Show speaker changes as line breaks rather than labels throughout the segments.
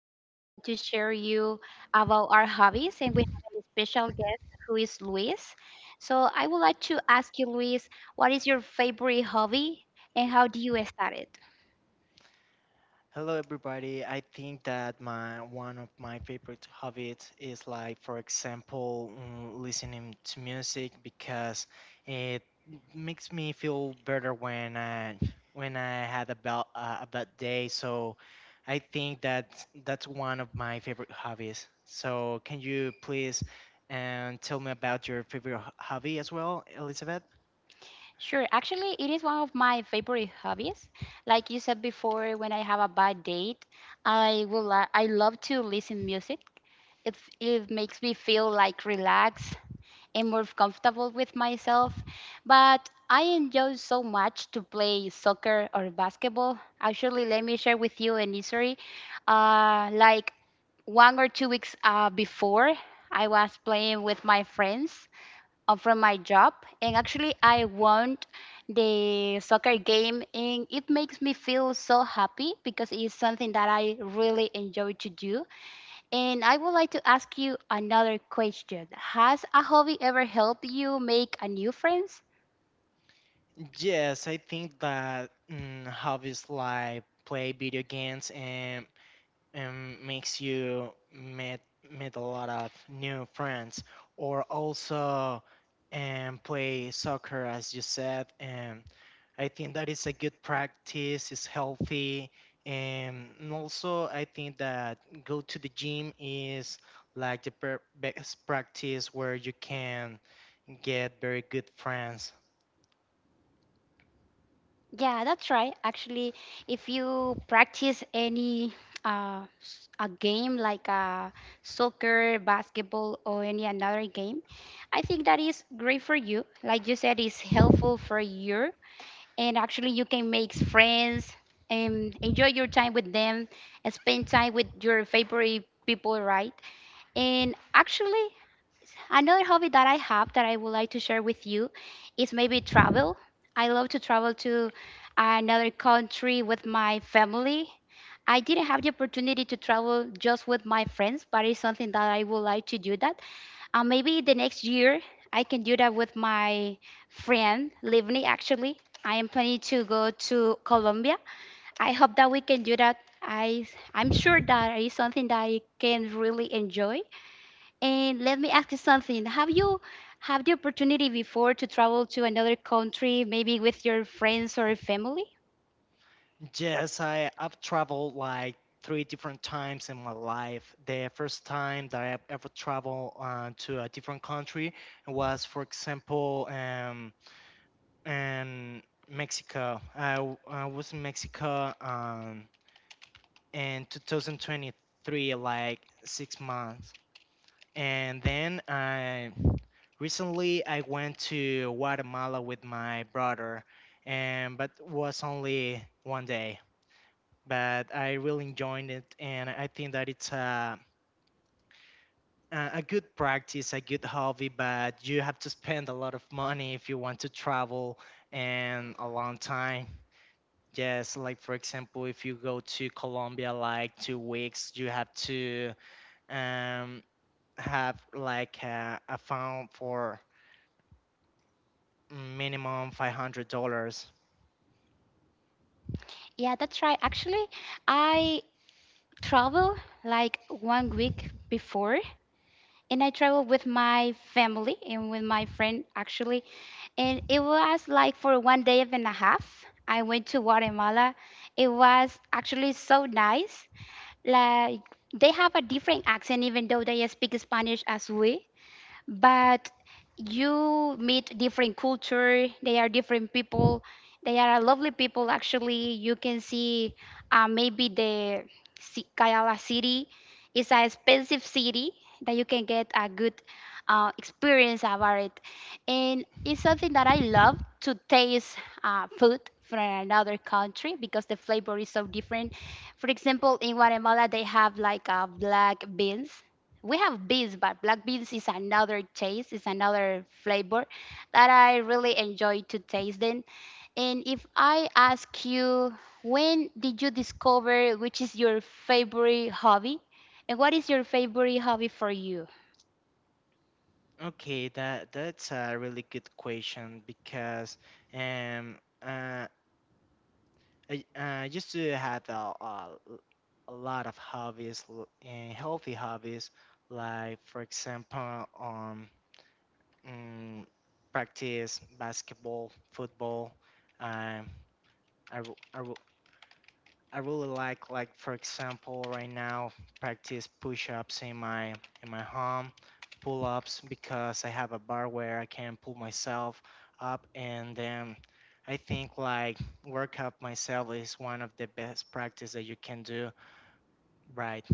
Today we want to share you about our hobbies, and we have a special guest who is Luis. So I would like to ask you, Luis, what is your favorite hobby and how do you start it?
Hello everybody. I think that my one of my favorite hobbies is, like for example, listening to music, because it makes me feel better when I had a bad day. So I think that that's one of my favorite hobbies. So can you please and tell me about your favorite hobby as well, Elizabeth?
Sure, actually it is one of my favorite hobbies. Like you said before, when I have a bad date, I will I love to listen music. It makes me feel like relaxed am more comfortable with myself. But I enjoy so much to play soccer or basketball. Actually, let me share with you an history. Like 1 or 2 weeks before, I was playing with my friends from my job, and actually, I won the soccer game, and it makes me feel so happy because it's something that I really enjoy to do. And I would like to ask you another question. Has a hobby ever helped you make a new friends?
Yes, I think that, hobbies like play video games, and makes you meet a lot of new friends, or also and play soccer as you said. And I think that is a good practice. It's healthy. And also I think that go to the gym is like the best practice where you can get very good friends.
Yeah, that's right. Actually, if you practice any a game like soccer, basketball, or any another game, I think that is great for you. Like you said, it's helpful for you, and actually you can make friends and enjoy your time with them and spend time with your favorite people, right? And actually, another hobby that I have that I would like to share with you is maybe travel. I love to travel to another country with my family. I didn't have the opportunity to travel just with my friends, but it's something that I would like to do that. And maybe the next year I can do that with my friend Livni actually. I am planning to go to Colombia. I hope that we can do that. I I'm sure that is something that I can really enjoy. And let me ask you something. Have you had the opportunity before to travel to another country, maybe with your friends or family?
Yes, I've traveled like three different times in my life. The first time that I've ever traveled to a different country was, for example, in Mexico. I was in Mexico in 2023, like 6 months. And then I recently I went to Guatemala with my brother, and but was only one day, but I really enjoyed it. And I think that it's a good practice, a good hobby, but you have to spend a lot of money if you want to travel and a long time. Yes, like for example, if you go to Colombia like 2 weeks, you have to um, have like a fund for minimum $500.
Yeah, that's right. Actually, I travel like 1 week before, and I traveled with my family and with my friend actually. And it was like for 1 day and a half. I went to Guatemala. It was actually so nice. Like they have a different accent, even though they speak Spanish as we, but you meet different culture. They are different people, they are a lovely people. Actually, you can see, maybe the Kayala city is an expensive city that you can get a good experience about it. And it's something that I love to taste, food from another country, because the flavor is so different. For example, in Guatemala they have like black beans. We have beans, but black beans is another taste, is another flavor that I really enjoy to taste them. And if I ask you, when did you discover which is your favorite hobby? And what is your favorite hobby for you?
Okay, that's a really good question because um, uh, I used to have a lot of hobbies, and healthy hobbies, like for example, mm, practice basketball, football. Um, I, w- I, w- I really like, for example right now, practice push-ups in my, home, pull-ups, because I have a bar where I can pull myself up. And then I think like workout myself is one of the best practice that you can do, right?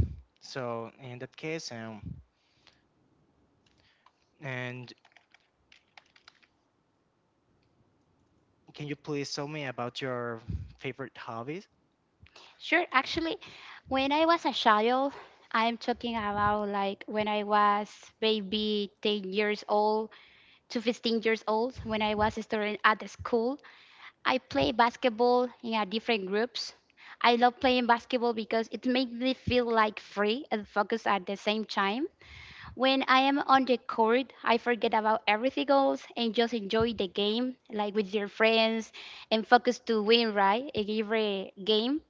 So in that case, and can you please tell me about your favorite hobbies?
Sure, actually, when I was a child, I'm talking about like when I was maybe 10 years old to 15 years old, when I was studying at the school. I play basketball in, yeah, different groups. I love playing basketball because it makes me feel like free and focused at the same time. When I am on the court, I forget about everything else and just enjoy the game, like with your friends, and focus to win, right? In every game.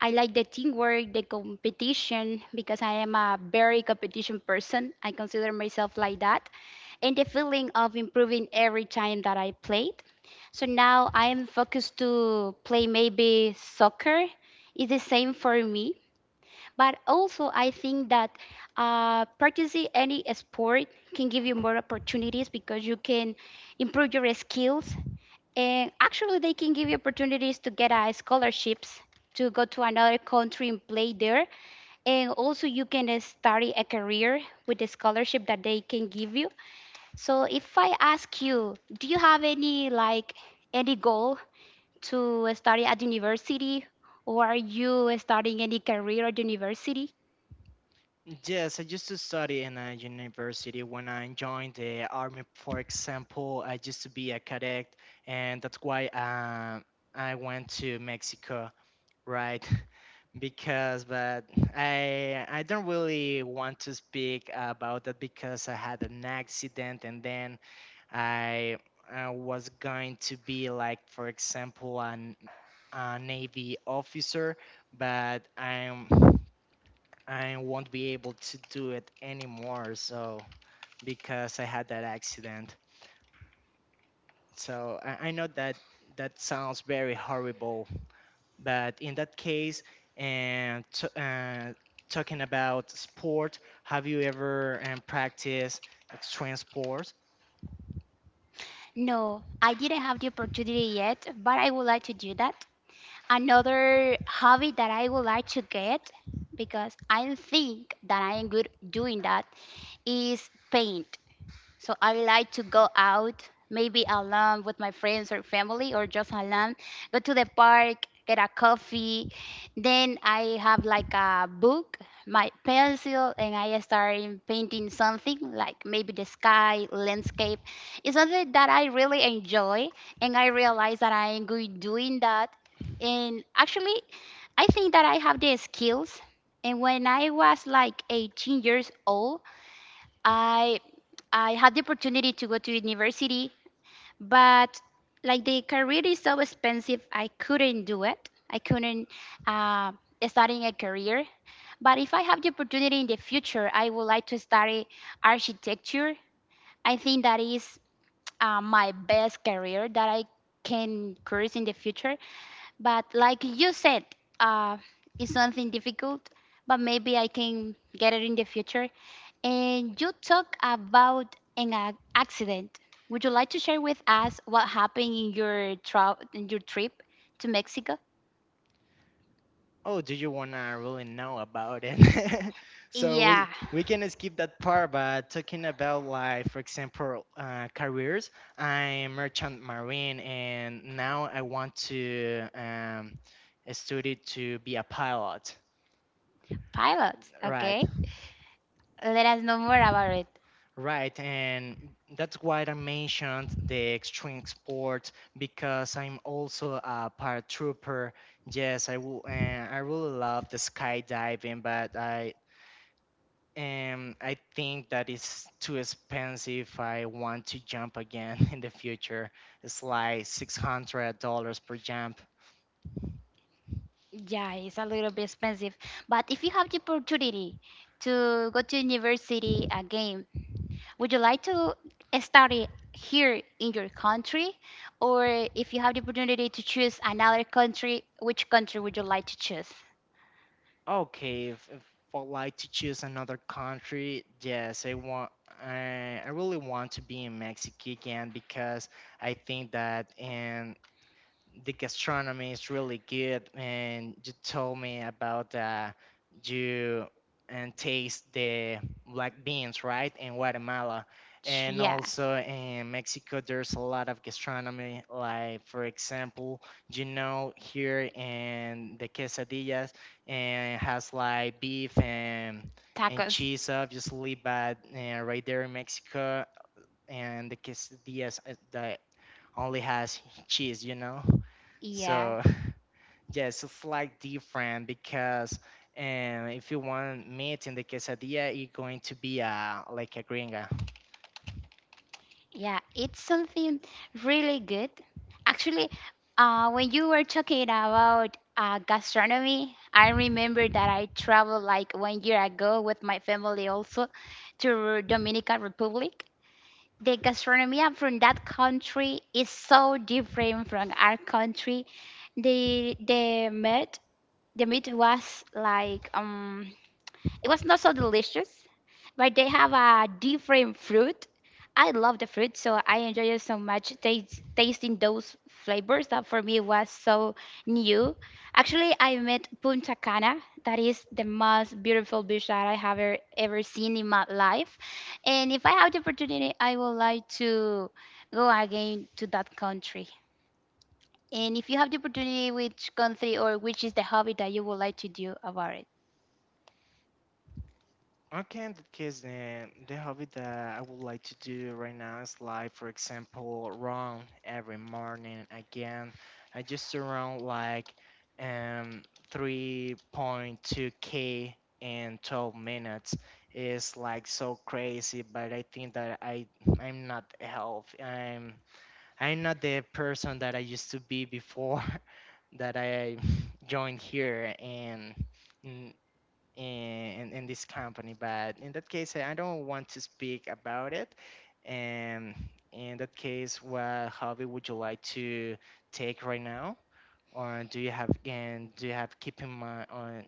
I like the teamwork, the competition, because I am a very competition person. I consider myself like that, and the feeling of improving every time that I played. So now I am focused to play maybe soccer. It's the same for me. But also, I think that practicing any sport can give you more opportunities, because you can improve your skills. And actually, they can give you opportunities to get scholarships to go to another country and play there. And also, you can study a career with the scholarship that they can give you. So if I ask you, do you have any like any goal to study at university, or are you starting any career at university?
Yes, I used to study in a university when I joined the army. For example, I used to be a cadet, and that's why I went to Mexico, right? But I don't really want to speak about that, because I had an accident, and then I. I was going to be like, for example, a Navy officer, but I won't be able to do it anymore. So because I had that accident. So I know that that sounds very horrible, but in that case, and t- uh, talking about sport, have you ever practiced extreme sport?
No, I didn't have the opportunity yet, but I would like to do that. Another hobby that I would like to get, because I think that I am good doing that, is paint. So I like to go out, maybe alone with my friends or family, or just alone. Go to the park, get a coffee. Then I have like a book, my pencil, and I start painting something like maybe the sky, landscape. It's something that I really enjoy, and I realize that I am good doing that. And actually, I think that I have the skills. And when I was like 18 years old, I I had the opportunity to go to university, but like the career is so expensive, I couldn't do it. I couldn't uh, starting a career. But if I have the opportunity in the future, I would like to study architecture. I think that is my best career that I can course in the future. But like you said, uh, it's something difficult, but maybe I can get it in the future. And you talk about an accident. Would you like to share with us what happened in your in your trip to Mexico?
Oh, do you wanna really know about it? So we
Yeah,
we can skip that part, but talking about, like for example, careers. I'm merchant marine, and now I want to study to be a pilot.
Pilots,
Right,
okay? Let us know more about it.
right, and that's why I mentioned the extreme sport because I'm also a paratrooper. Yes, I will. I really love the skydiving, but I And I think that is too expensive if I want to jump again in the future. It's like $600 per jump.
Yeah, it's a little bit expensive. But if you have the opportunity to go to university again, would you like to study here in your country? Or if you have the opportunity to choose another country, which country would you like to choose?
Okay, if I like to choose another country, yes, I want. I really want to be in Mexico again, because I think that in the gastronomy is really good, and you told me about you and taste the black beans, right, in Guatemala. And
Yeah,
also in Mexico, there's a lot of gastronomy. Like for example, here, in the quesadillas, and has like beef and
tacos.
cheese, obviously. But right there in Mexico, and the quesadillas, that only has cheese,
Yeah,
so. Yes, it's like different because, if you want meat in the quesadilla, it's going to be like a gringa.
yeah, it's something really good. Actually, when you were talking about gastronomy, I remember that I traveled like 1 year ago with my family also to Dominican Republic. The gastronomy from that country is so different from our country. The meat, the meat was like it was not so delicious, but they have a different fruit. I love the fruit, so I enjoy it so much. Taste, tasting those flavors that for me was so new. Actually, I met Punta Cana. That is the most beautiful beach that I have ever, ever seen in my life. And if I have the opportunity, I would like to go again to that country. And if you have the opportunity, which country or which is the hobby that you would like to do about it?
Okay, in that case, the hobby that I would like to do right now is, like for example, run every morning. Again, I just run like um 3.2K in 12 minutes. It's like so crazy, but I think that I'm not healthy. I'm not the person that I used to be before that I joined here and in, in this company. But in that case, I don't want to speak about it. And in that case, what hobby would you like to take right now? Or do you have and do you have keep in mind on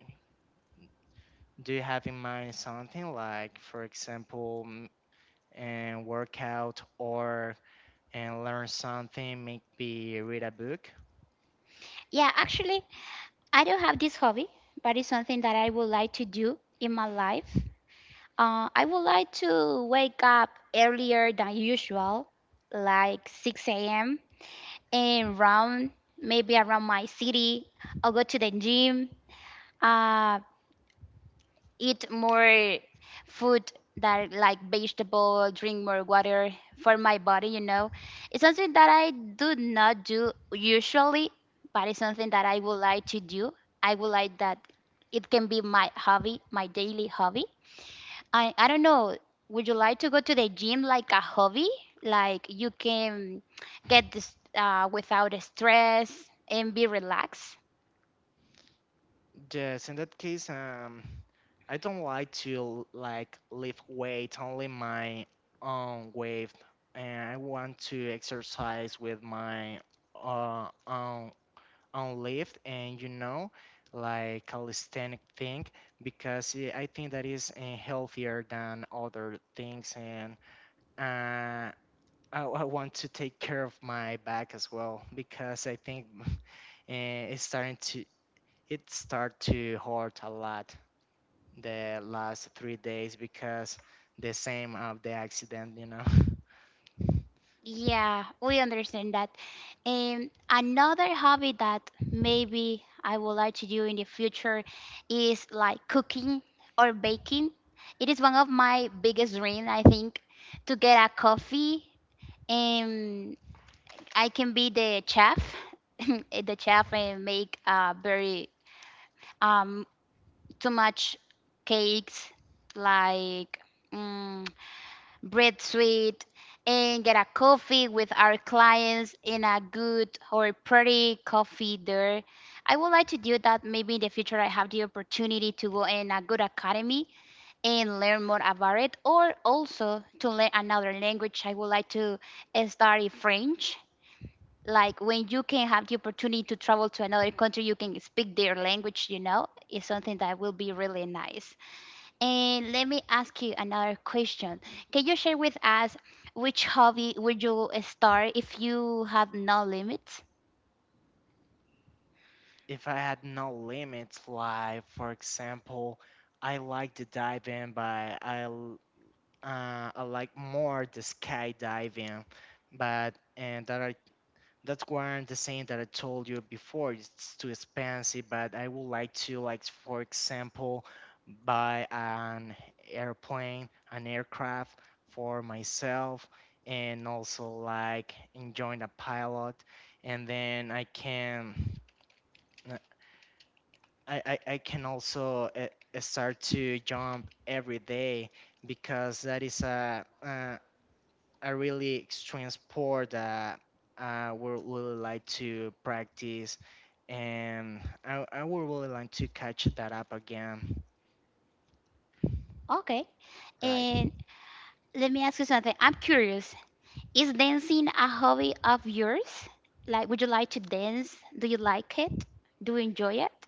do you have in mind something, like for example, mm, and workout, or and learn something, maybe read a book?
Yeah, actually, I don't have this hobby, but it's something that I would like to do in my life. I would like to wake up earlier than usual, like 6 a.m., and run maybe around my city. I'll go to the gym. Um, Eat more food that like vegetable, drink more water for my body, you know. It's something that I do not do usually, but it's something that I would like to do. I would like that it can be my hobby, my daily hobby. I don't know, would you like to go to the gym like a hobby? Like you can get this without stress and be relaxed?
Yes, in that case, I don't like to, like, lift weight, only my own weight. And I want to exercise with my uh own own lift, and, like, calisthenic thing, because I think that is healthier than other things. And uh, I want to take care of my back as well, because I think eh, it's starting to it start to hurt a lot the last 3 days, because the same of the accident.
Yeah, we understand that. And another hobby that maybe I would like to do in the future is like cooking or baking. It is one of my biggest dreams, I think, to get a coffee and I can be the chef, the chef, and make very um too much cakes like mm, breathe sweet, and get a coffee with our clients in a good or pretty coffee there. I would like to do that maybe in the future. I have the opportunity to go in a good academy and learn more about it, or also to learn another language. I would like to study French. Like when you can have the opportunity to travel to another country, you can speak their language, you know, is something that will be really nice. And let me ask you another question. Can you share with us which hobby would you start if you have no limits?
If I had no limits, like for example, I like to dive in, but I l- I like more the skydiving, but and that one, the saying that I told you before, it's too expensive. But I would like to, like for example, buy an airplane, an aircraft for myself, and also like enjoying a pilot, and then uh, I can also start to jump every day, because that is a really extreme sport that I would really like to practice. And I would really like to catch that up again,
Okay.
right?
And let me ask you something. I'm curious. Is dancing a hobby of yours? Like, would you like to dance? Do you like it? Do you enjoy it?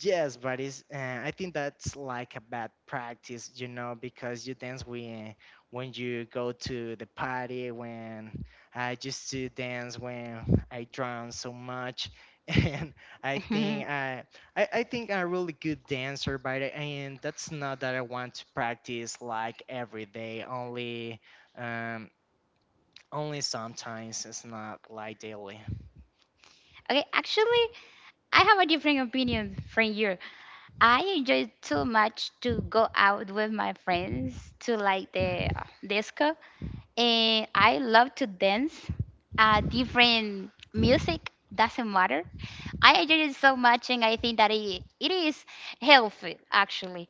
Yes, but I think that's like a bad practice, you know, because you dance when you go to the party. When I used to dance, when I drowned so much, and I
Okay,
think I think I'm a really good dancer, but I- and that's not that I want to practice like every day, only um only sometimes. It's not like daily.
actually, I have a different opinion from you. I enjoy too much to go out with my friends to like the disco, and I love to dance. Different music doesn't matter. I enjoy it so much, and I think that it is healthy actually.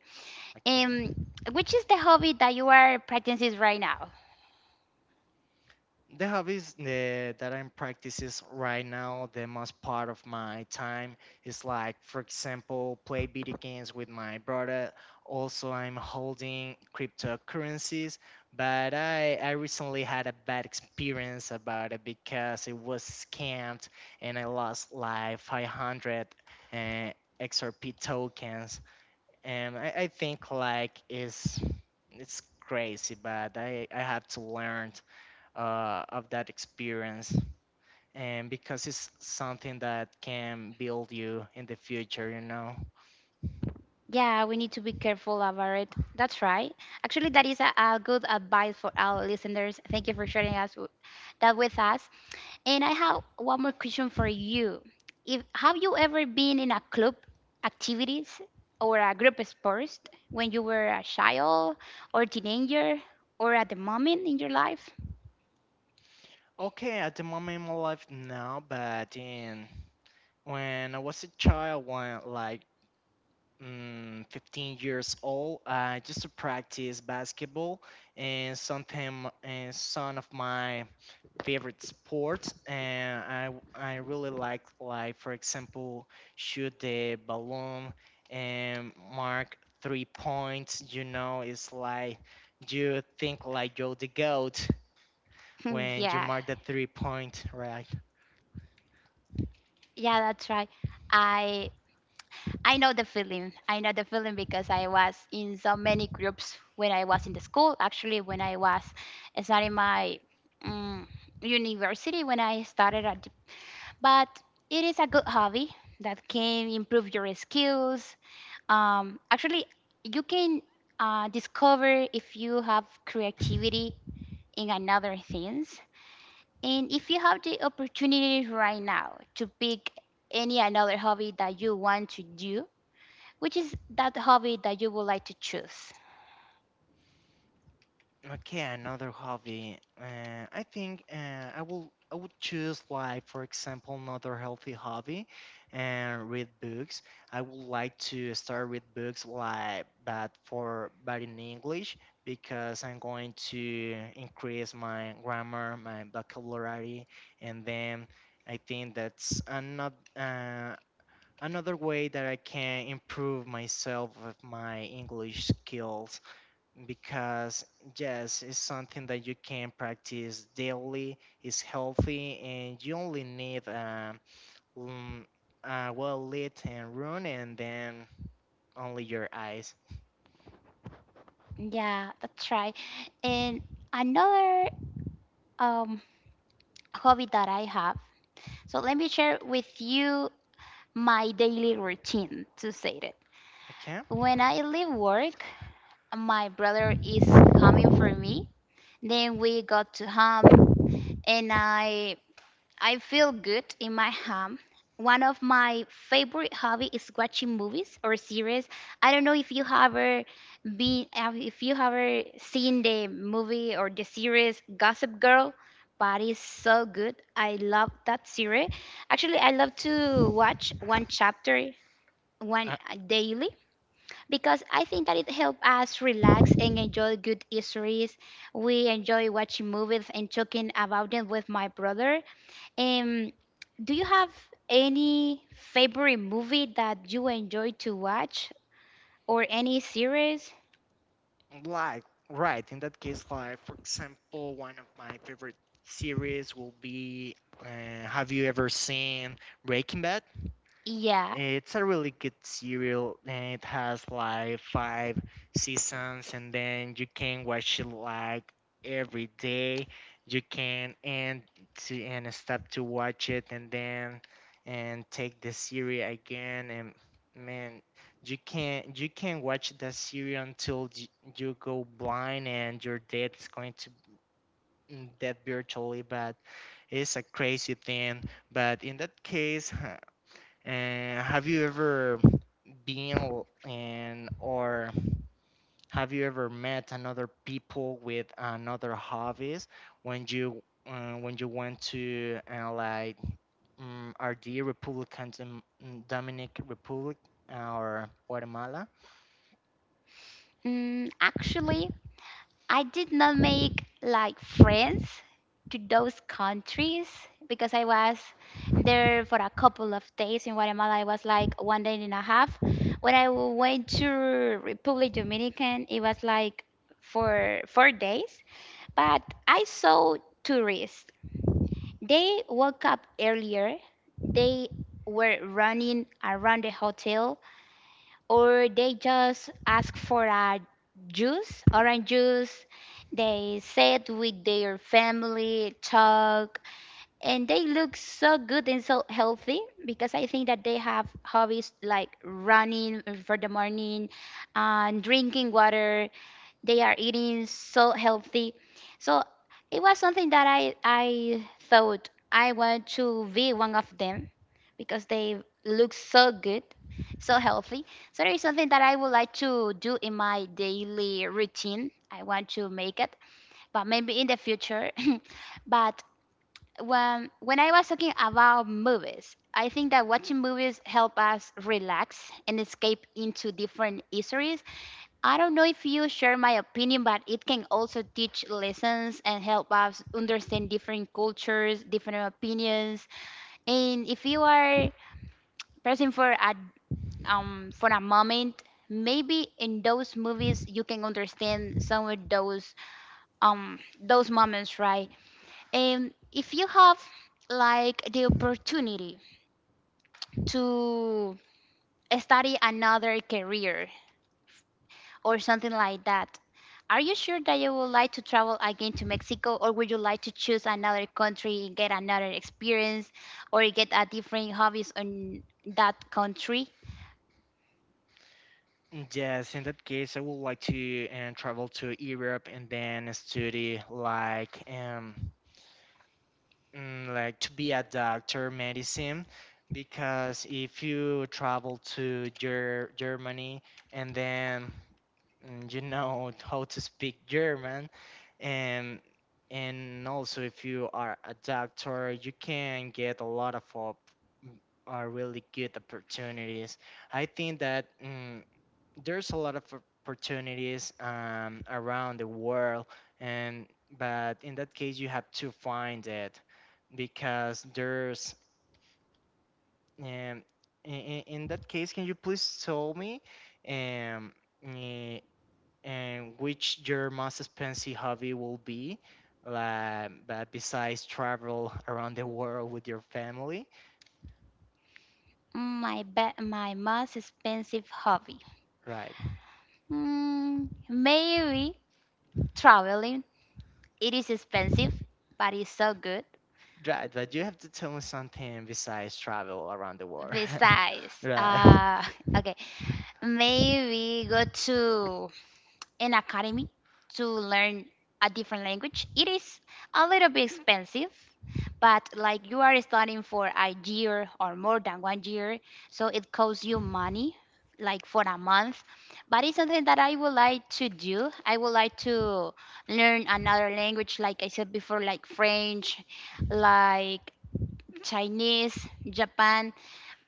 Okay.
And which is the hobby that you are practicing right now?
The hobbies that I'm practicing right now, the most part of my time is, like for example, play video games with my brother. Also, I'm holding cryptocurrencies, but I recently had a bad experience about it, because it was scammed and I lost like 500 uh, XRP tokens. And I think like is it's crazy, but I have to learn of that experience, and because it's something that can build you in the future
Yeah, we need to be careful about it. That's right. Actually, that is a good advice for our listeners. Thank you for sharing us that with us. And I have one more question for you. If have you ever been in a club activities or a group sports when you were a child or teenager or at the moment in your life?
okay, at the moment in my life now, but in when I was a child, 15 years old, I used to practice basketball, and something, and some of my favorite sports. And I really like, for example, shoot the balloon and mark 3 points, it's like you think like you're the goat when you
Yeah,
mark the 3-point, right?
yeah, that's right. I I know the feeling. I know the feeling because I was in so many groups when I was in the school. Actually, when I was starting my um, university, when I started at but it is a good hobby that can improve your skills. Actually, you can discover if you have creativity in another things, and if you have the opportunity right now to pick any another hobby that you want to do, which is that hobby that you would like to choose.
Okay, another hobby. I think I would choose, like for example, another healthy hobby and read books. I would like to start with books, like but for but in English, because I'm going to increase my grammar, my vocabulary. And then I think that's another way that I can improve myself with my English skills, because yes, it's something that you can practice daily. It's healthy, and you only need mm, a well lit and room. And then only your eyes.
Yeah, that's right. And another um, hobby that I have. So let me share with you my daily routine to say it.
Okay,
When I leave work, my brother is coming for me. Then we got to home and I feel good in my home. One of my favorite hobby is watching movies or series. I don't know if you have ever been if you have ever seen the movie or the series Gossip Girl, but it's so good. I love that series. Actually, I love to watch one chapter one
uh,
daily because I think that it helps us relax and enjoy good histories. We enjoy watching movies and talking about them with my brother. Um, do you have any favorite movie that you enjoy to watch or any series?
like right in that case, like for example, one of my favorite series will be, have you ever seen Breaking Bad?
Yeah,
It's a really good serial, and it has like 5 seasons, and then you can watch it like every day. You can end to and stop to watch it, and then and take the series again. And man, you can watch the series until you go blind and your death is going to, dead virtually. But it's a crazy thing. But in that case. Have you ever been l- in or have you ever met another people with another hobbies when you went to, RD, Republican Dominic Republic, or Guatemala?
actually, I did not make like friends to those countries because I was there for a couple of days in Guatemala. I was like one day and a half. When I went to Republic Dominican, it was like for 4 days. But I saw tourists. They woke up earlier. They were running around the hotel or they just ask for a juice, orange juice. They sit with their family, talk, and they look so good and so healthy because I think that they have hobbies like running for the morning and drinking water. They are eating so healthy. So it was something that I thought I want to be one of them because they look so good, so healthy. So there is something that I would like to do in my daily routine. I want to make it, but maybe in the future. But when I was talking about movies, I think that watching movies help us relax and escape into different histories. I don't know if you share my opinion, but it can also teach lessons and help us understand different cultures, different opinions. And if you are person for a moment maybe in those movies you can understand some of those moments, right? And if you have like the opportunity to study another career or something like that, are you sure that you would like to travel again to Mexico, or would you like to choose another country and get another experience or get a different hobbies on that country?
Yes, in that case, I would like to travel to Europe and then study, like to be a doctor medicine. Because if you travel to Germany and then how to speak German. And and also if you are a doctor, you can get a lot of op- mm, are really good opportunities. I think that there's a lot of opportunities, around the world. And but in that case you have to find it, because there's, um, in that case, can you please tell me, um, eh, and which your most expensive hobby will be, like, but besides travel around the world with your family?
My most expensive hobby.
Right,
Maybe traveling. It is expensive, but it's so good.
right, but you have to tell me something besides travel around the world.
Besides,
Right.
okay, maybe go to an academy to learn a different language. It is a little bit expensive, but like you are studying for a year or more than one year, so it costs you money like for a month, but it's something that I would like to do. I would like to learn another language like I said before, like French, like Chinese, Japan,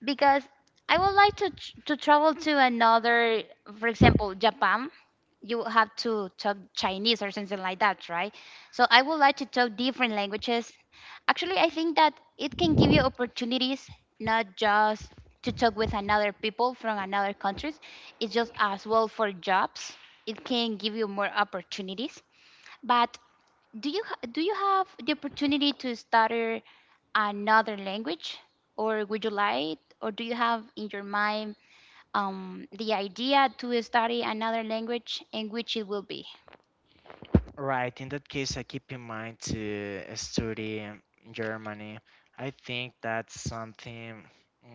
because I would like to to travel to another, for example, Japan, you have to talk Chinese or something like that, right? So I would like to talk different languages. Actually, I think that it can give you opportunities not just to talk with another people from another countries. It's just as well for jobs. It can give you more opportunities. But do you have the opportunity to study another language, or would you like, or do you have in your mind the idea to study another language, and which it will be?
Right. In that case, I keep in mind to study in Germany. I think that's something,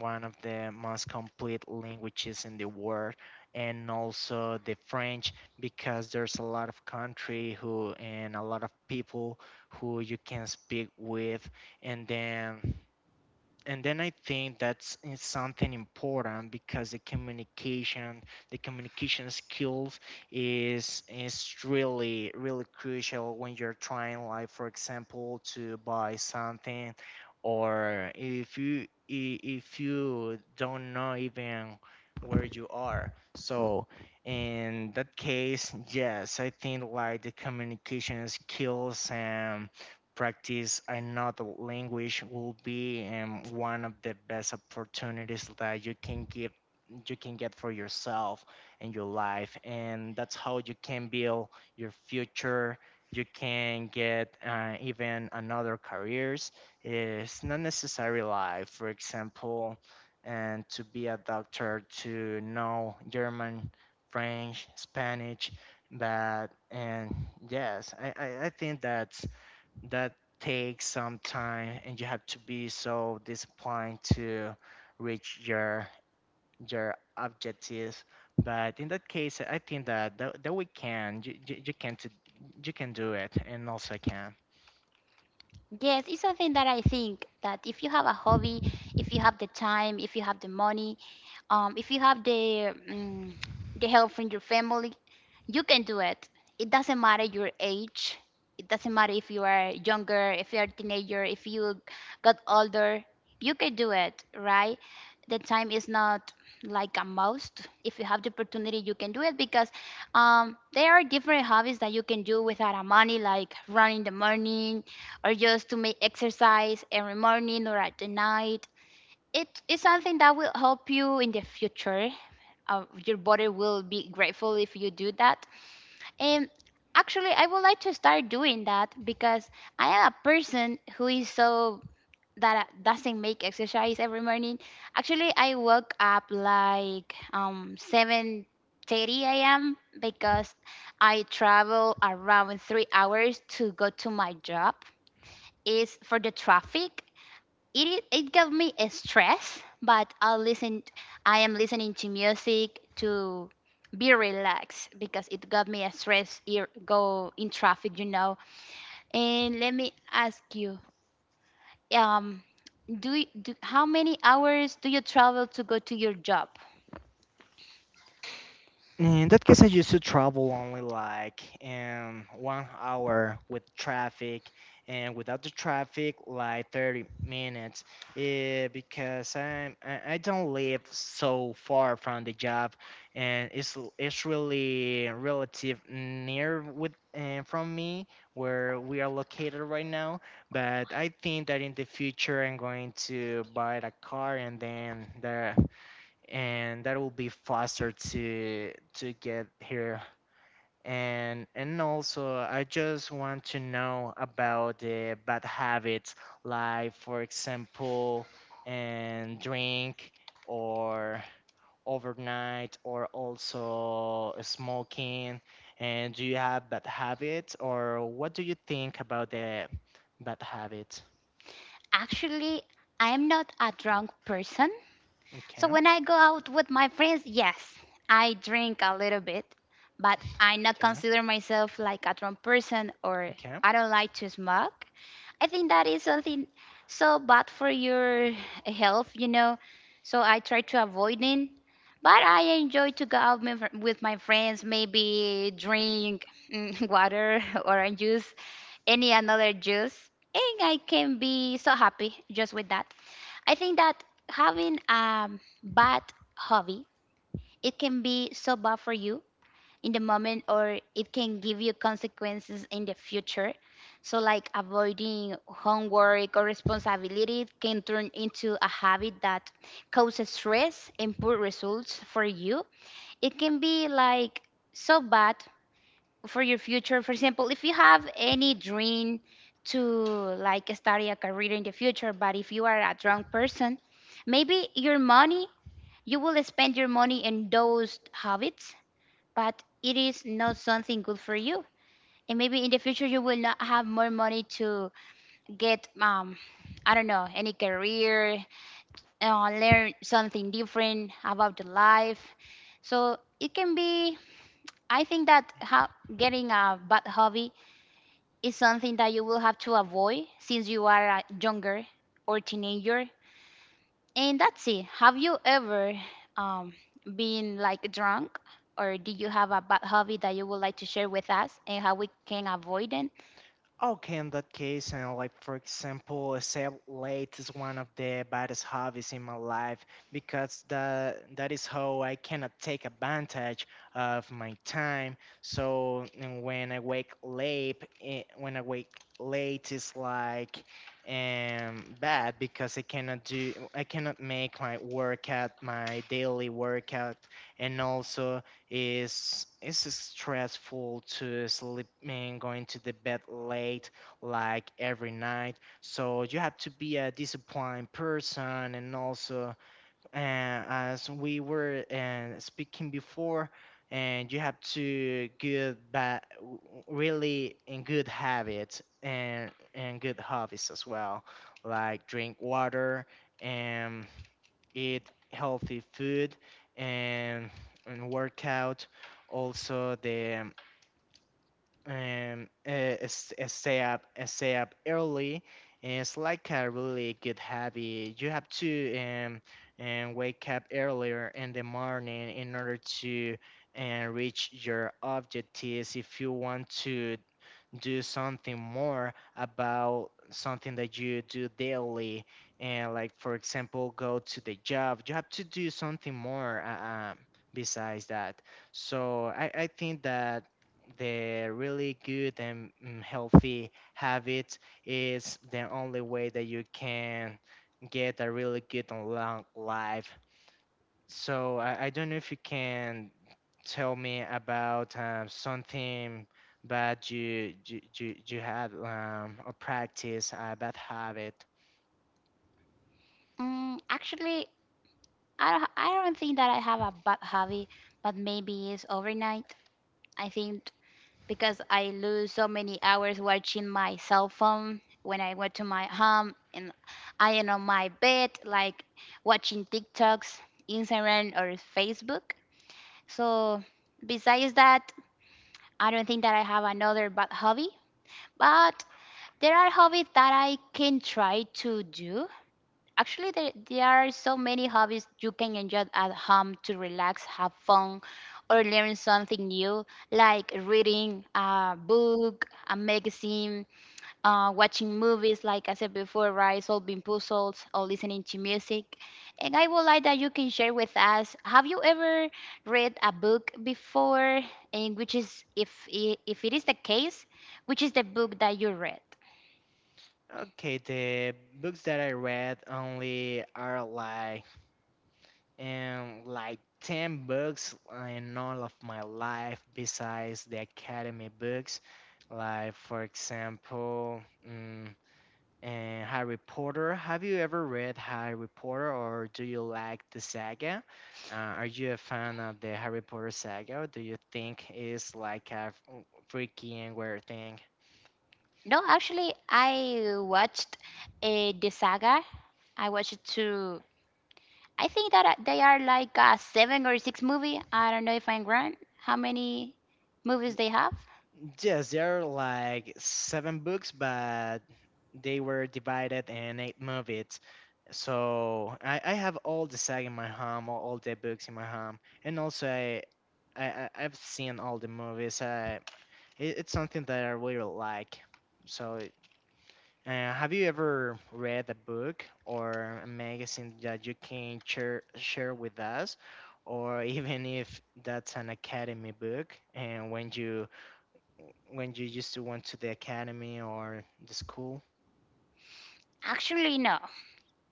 one of the most complete languages in the world, and also the French, because there's a lot of country who and a lot of people who you can speak with, and then I think that's is something important, because the communication skills is really really crucial when you're trying, like for example, to buy something, or if if you don't know even where you are. So in that case, yes, I think like the communication skills and practice another language will be, one of the best opportunities that you can get for yourself and your life, and that's how you can build your future. You can get, even another careers. It's not necessary life for example and to be a doctor to know german french spanish that. And yes, I think that that takes some time, and you have to be so disciplined to reach your objectives. But in that case I think that we can you can do it, and also I can.
Yes, it's something that I think that if you have a hobby, if you have the time, if you have the money, if you have the the help from your family, you can do it. It doesn't matter your age. It doesn't matter if you are younger, if you are a teenager, if you got older. You can do it, right? The time is not like a must. If you have the opportunity, you can do it because there are different hobbies that you can do without a money, like run in the morning, or just to make exercise every morning or at the night. It is something that will help you in the future. Your body will be grateful if you do that. And actually, I would like to start doing that because I am a person who is so that doesn't make exercise every morning. Actually, I wake up like 7:30 a.m. because I travel around 3 hours to go to my job. Is for the traffic it gave me a stress, but I listened. I am listening to music to be relaxed because it gave me a stress. Go in traffic, you know. And let me ask you, um, do, do how many hours do you travel to go to your job?
In that case, I used to travel only like, 1 hour with traffic, and without the traffic, like 30 minutes. Yeah, because I don't live so far from the job, and it's really relative near with, from me where we are located right now. But I think that in the future, I'm going to buy a car, and then there and that will be faster to get here. And also I just want to know about the bad habits, like for example, and drink or overnight or also smoking. And do you have bad habits, or what do you think about the bad habits?
Actually, I am not a drunk person, so
Okay,
when I go out with my friends, yes, I drink a little bit, but I not
okay,
consider myself like a drunk person, or
okay.
I don't like to smoke. I think that is something so bad for your health, you know. So I try to avoid it. But I enjoy to go out with my friends, maybe drink water, orange juice, any another juice, and I can be so happy just with that. I think that having a bad hobby, it can be so bad for you in the moment, or it can give you consequences in the future. So like avoiding homework or responsibility can turn into a habit that causes stress and poor results for you. It can be like so bad for your future, for example, if you have any dream to like study a career in the future. But if you are a drunk person, maybe your money, you will spend your money in those habits, but it is not something good for you, and maybe in the future you will not have more money to get, um, I don't know, any career, learn something different about the life. So it can be, I think that getting a bad hobby is something that you will have to avoid since you are a younger or teenager. And that's it. Have you ever um, been like drunk, or do you have a bad hobby that you would like to share with us and how we can avoid it?
Okay, in that case, and like for example, save late is one of the baddest hobbies in my life, because that is how I cannot take advantage of my time. So and when I wake late, eh, when I wake late is like bad, because I cannot make my workout, my daily workout. And also, is stressful to sleep and going to the bed late like every night. So you have to be a disciplined person. And also, as we were, speaking before, and you have to good but really in good habits, and good hobbies as well, like drink water and eat healthy food, and, and work out. Also, the s- stay up early. It's like a really good habit. You have to, and wake up earlier in the morning in order to and reach your objectives, if you want to do something more about something that you do daily. And like for example, go to the job. You have to do something more, besides that. So I think that the really good and healthy habit is the only way that you can get a really good and long life. So I don't know if you can tell me about, something that you had, or practice a bad habit.
Actually, I don't think that I have a bad hobby, but maybe it's overnight. I think because I lose so many hours watching my cell phone when I went to my home and I am on my bed like watching TikToks, Instagram or Facebook. So besides that, I don't think that I have another bad hobby, but there are hobbies that I can try to do. Actually, there are so many hobbies you can enjoy at home to relax, have fun, or learn something new, like reading a book, a magazine, watching movies, like I said before, right? Solving puzzles or listening to music. And I would like that you can share with us. Have you ever read a book before? And which is, if it is the case, which is the book that you read?
Okay, the books that I read only are like 10 books in all of my life besides the academy books. Like for example, mm and Harry Potter. Have you ever read Harry Potter, or do you like the saga? Are you a fan of the Harry Potter saga, or do you think it's like a freaky and weird thing?
No, actually, I watched the saga. I watched two. I think that they are like a seven or six movie. I don't know if I'm wrong. How many movies they have?
Yes, there are like seven books, but they were divided in eight movies. So I have all the saga in my home, all the books in my home. And also, I've seen all the movies. It's something that I really like, so have you ever read a book or a magazine that you can share with us, or even if that's an academy book, and when you used to went to the academy or the school?
Actually, no.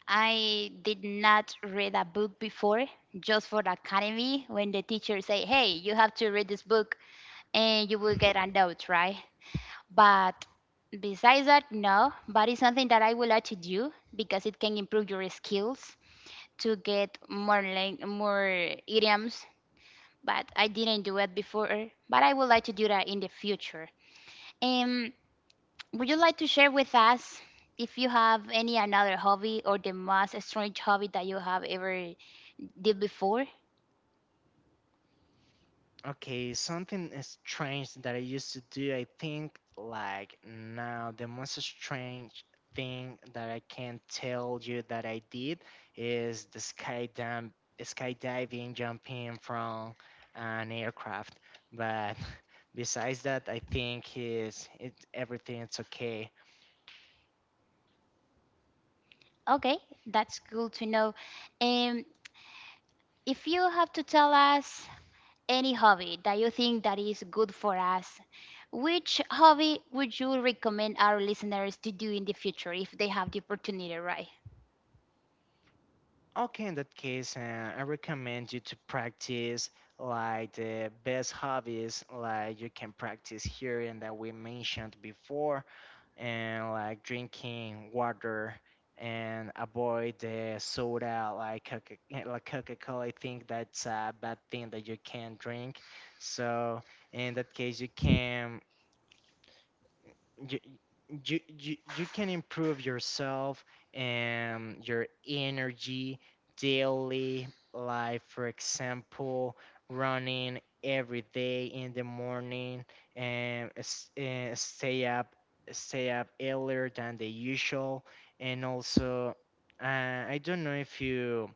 I did not read a book before, just for the academy. When the teacher say, "Hey, you have to read this book, and you will get a note," right? But besides that, no. But it's something that I would like to do because it can improve your skills to get more idioms, but I didn't do it before. But I would like to do that in the future. Um, would you like to share with us if you have any another hobby or the most strange hobby that you have ever did before?
Okay, something strange that I used to do, I think, like now, the most strange thing that I can tell you that I did is the skydiving, jumping from an aircraft. But besides that, I think is it everything's okay.
Okay, that's cool to know. Um, if you have to tell us any hobby that you think that is good for us, which hobby would you recommend our listeners to do in the future if they have the opportunity, right?
Okay, in that case, I recommend you to practice like the best hobbies, like you can practice here and that we mentioned before, and like drinking water and avoid the soda like yeah, like Coca-Cola. I think that's a bad thing that you can drink. So in that case, you, you can improve yourself and your energy daily life, for example running every day in the morning. And stay up earlier than the usual. And also, I don't know if you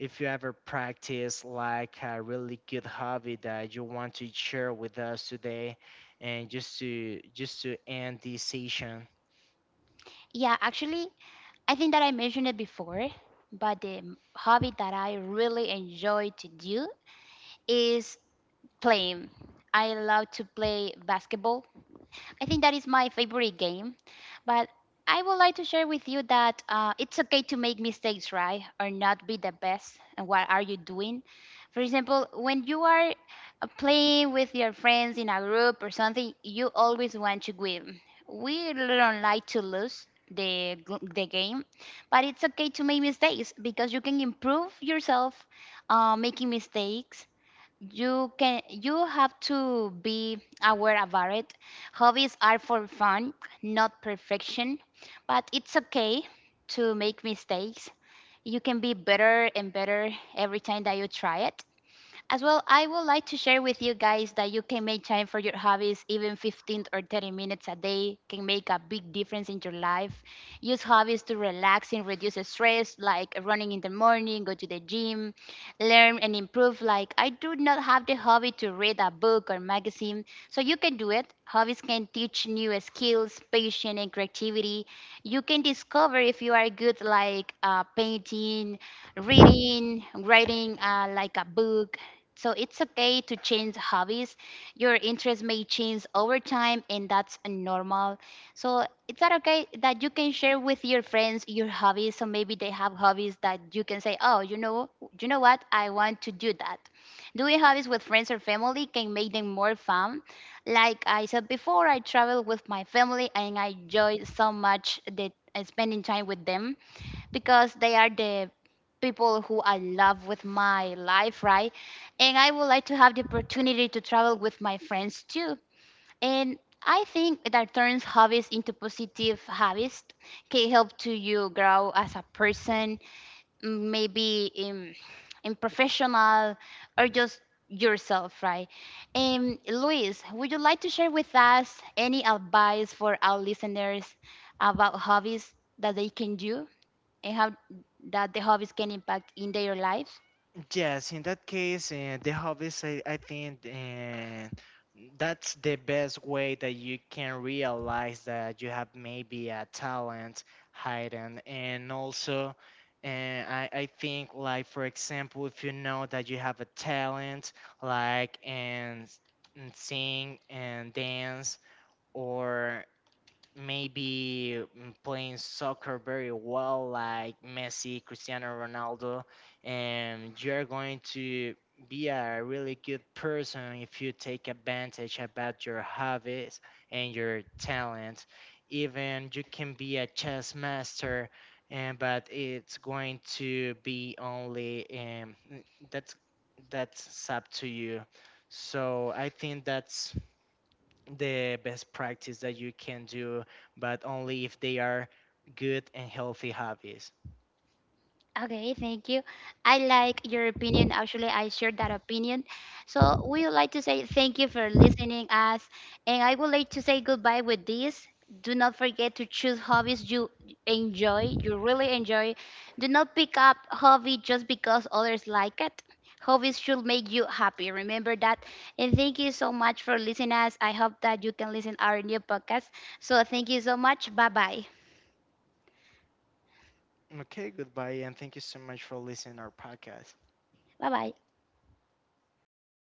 if you ever practice like a really good hobby that you want to share with us today, and just to end this session.
Yeah, actually, I think that I mentioned it before, but the hobby that I really enjoy to do is playing. I love to play basketball. I think that is my favorite game. But I would like to share with you that it's okay to make mistakes, right? Or not be the best. And what are you doing? For example, when you are playing with your friends in a group or something, you always want to win. We don't like to lose the game, but it's okay to make mistakes because you can improve yourself making mistakes. You can, you have to be aware about it. Hobbies are for fun, not perfection, but it's okay to make mistakes. You can be better and better every time that you try it. As well, I would like to share with you guys that you can make time for your hobbies, even 15 or 30 minutes a day can make a big difference in your life. Use hobbies to relax and reduce stress, like running in the morning, go to the gym, learn and improve. Like, I do not have the hobby to read a book or magazine, so you can do it. Hobbies can teach new skills, patience, and creativity. You can discover if you are good, like painting, reading, writing like a book, so it's okay to change hobbies. Your interests may change over time, and that's normal. So it's that okay that you can share with your friends your hobbies. So maybe they have hobbies that you can say, "Oh, you know what? I want to do that." Doing hobbies with friends or family can make them more fun. Like I said before, I travel with my family, and I enjoy so much that spending time with them because they are the people who I love with my life, right? And I would like to have the opportunity to travel with my friends too. And I think that turns hobbies into positive habits can help to you grow as a person, maybe in professional or just yourself, right? And Luis, would you like to share with us any advice for our listeners about hobbies that they can do and how that the hobbies can impact in their life?
Yes, in that case, the hobbies, I think that's the best way that you can realize that you have maybe a talent hidden. And also, I think, like, for example, if you know that you have a talent, like, and sing and dance, or maybe playing soccer very well, like Messi, Cristiano Ronaldo. And you're going to be a really good person if you take advantage about your hobbies and your talent. Even you can be a chess master. And but it's going to be only, that's that's up to you. So I think that's the best practice that you can do, but only if they are good and healthy hobbies.
Okay, thank you. I like your opinion. Actually, I share that opinion. So we would like to say thank you for listening us, and I would like to say goodbye with this. Do not forget to choose hobbies you enjoy, you really enjoy. Do not pick up hobby just because others like it. Hobbies should make you happy. Remember that. And thank you so much for listening us. I hope that you can listen our new podcast. So thank you so much. Bye bye.
Okay, goodbye, and thank you so much for listening our podcast.
拜拜。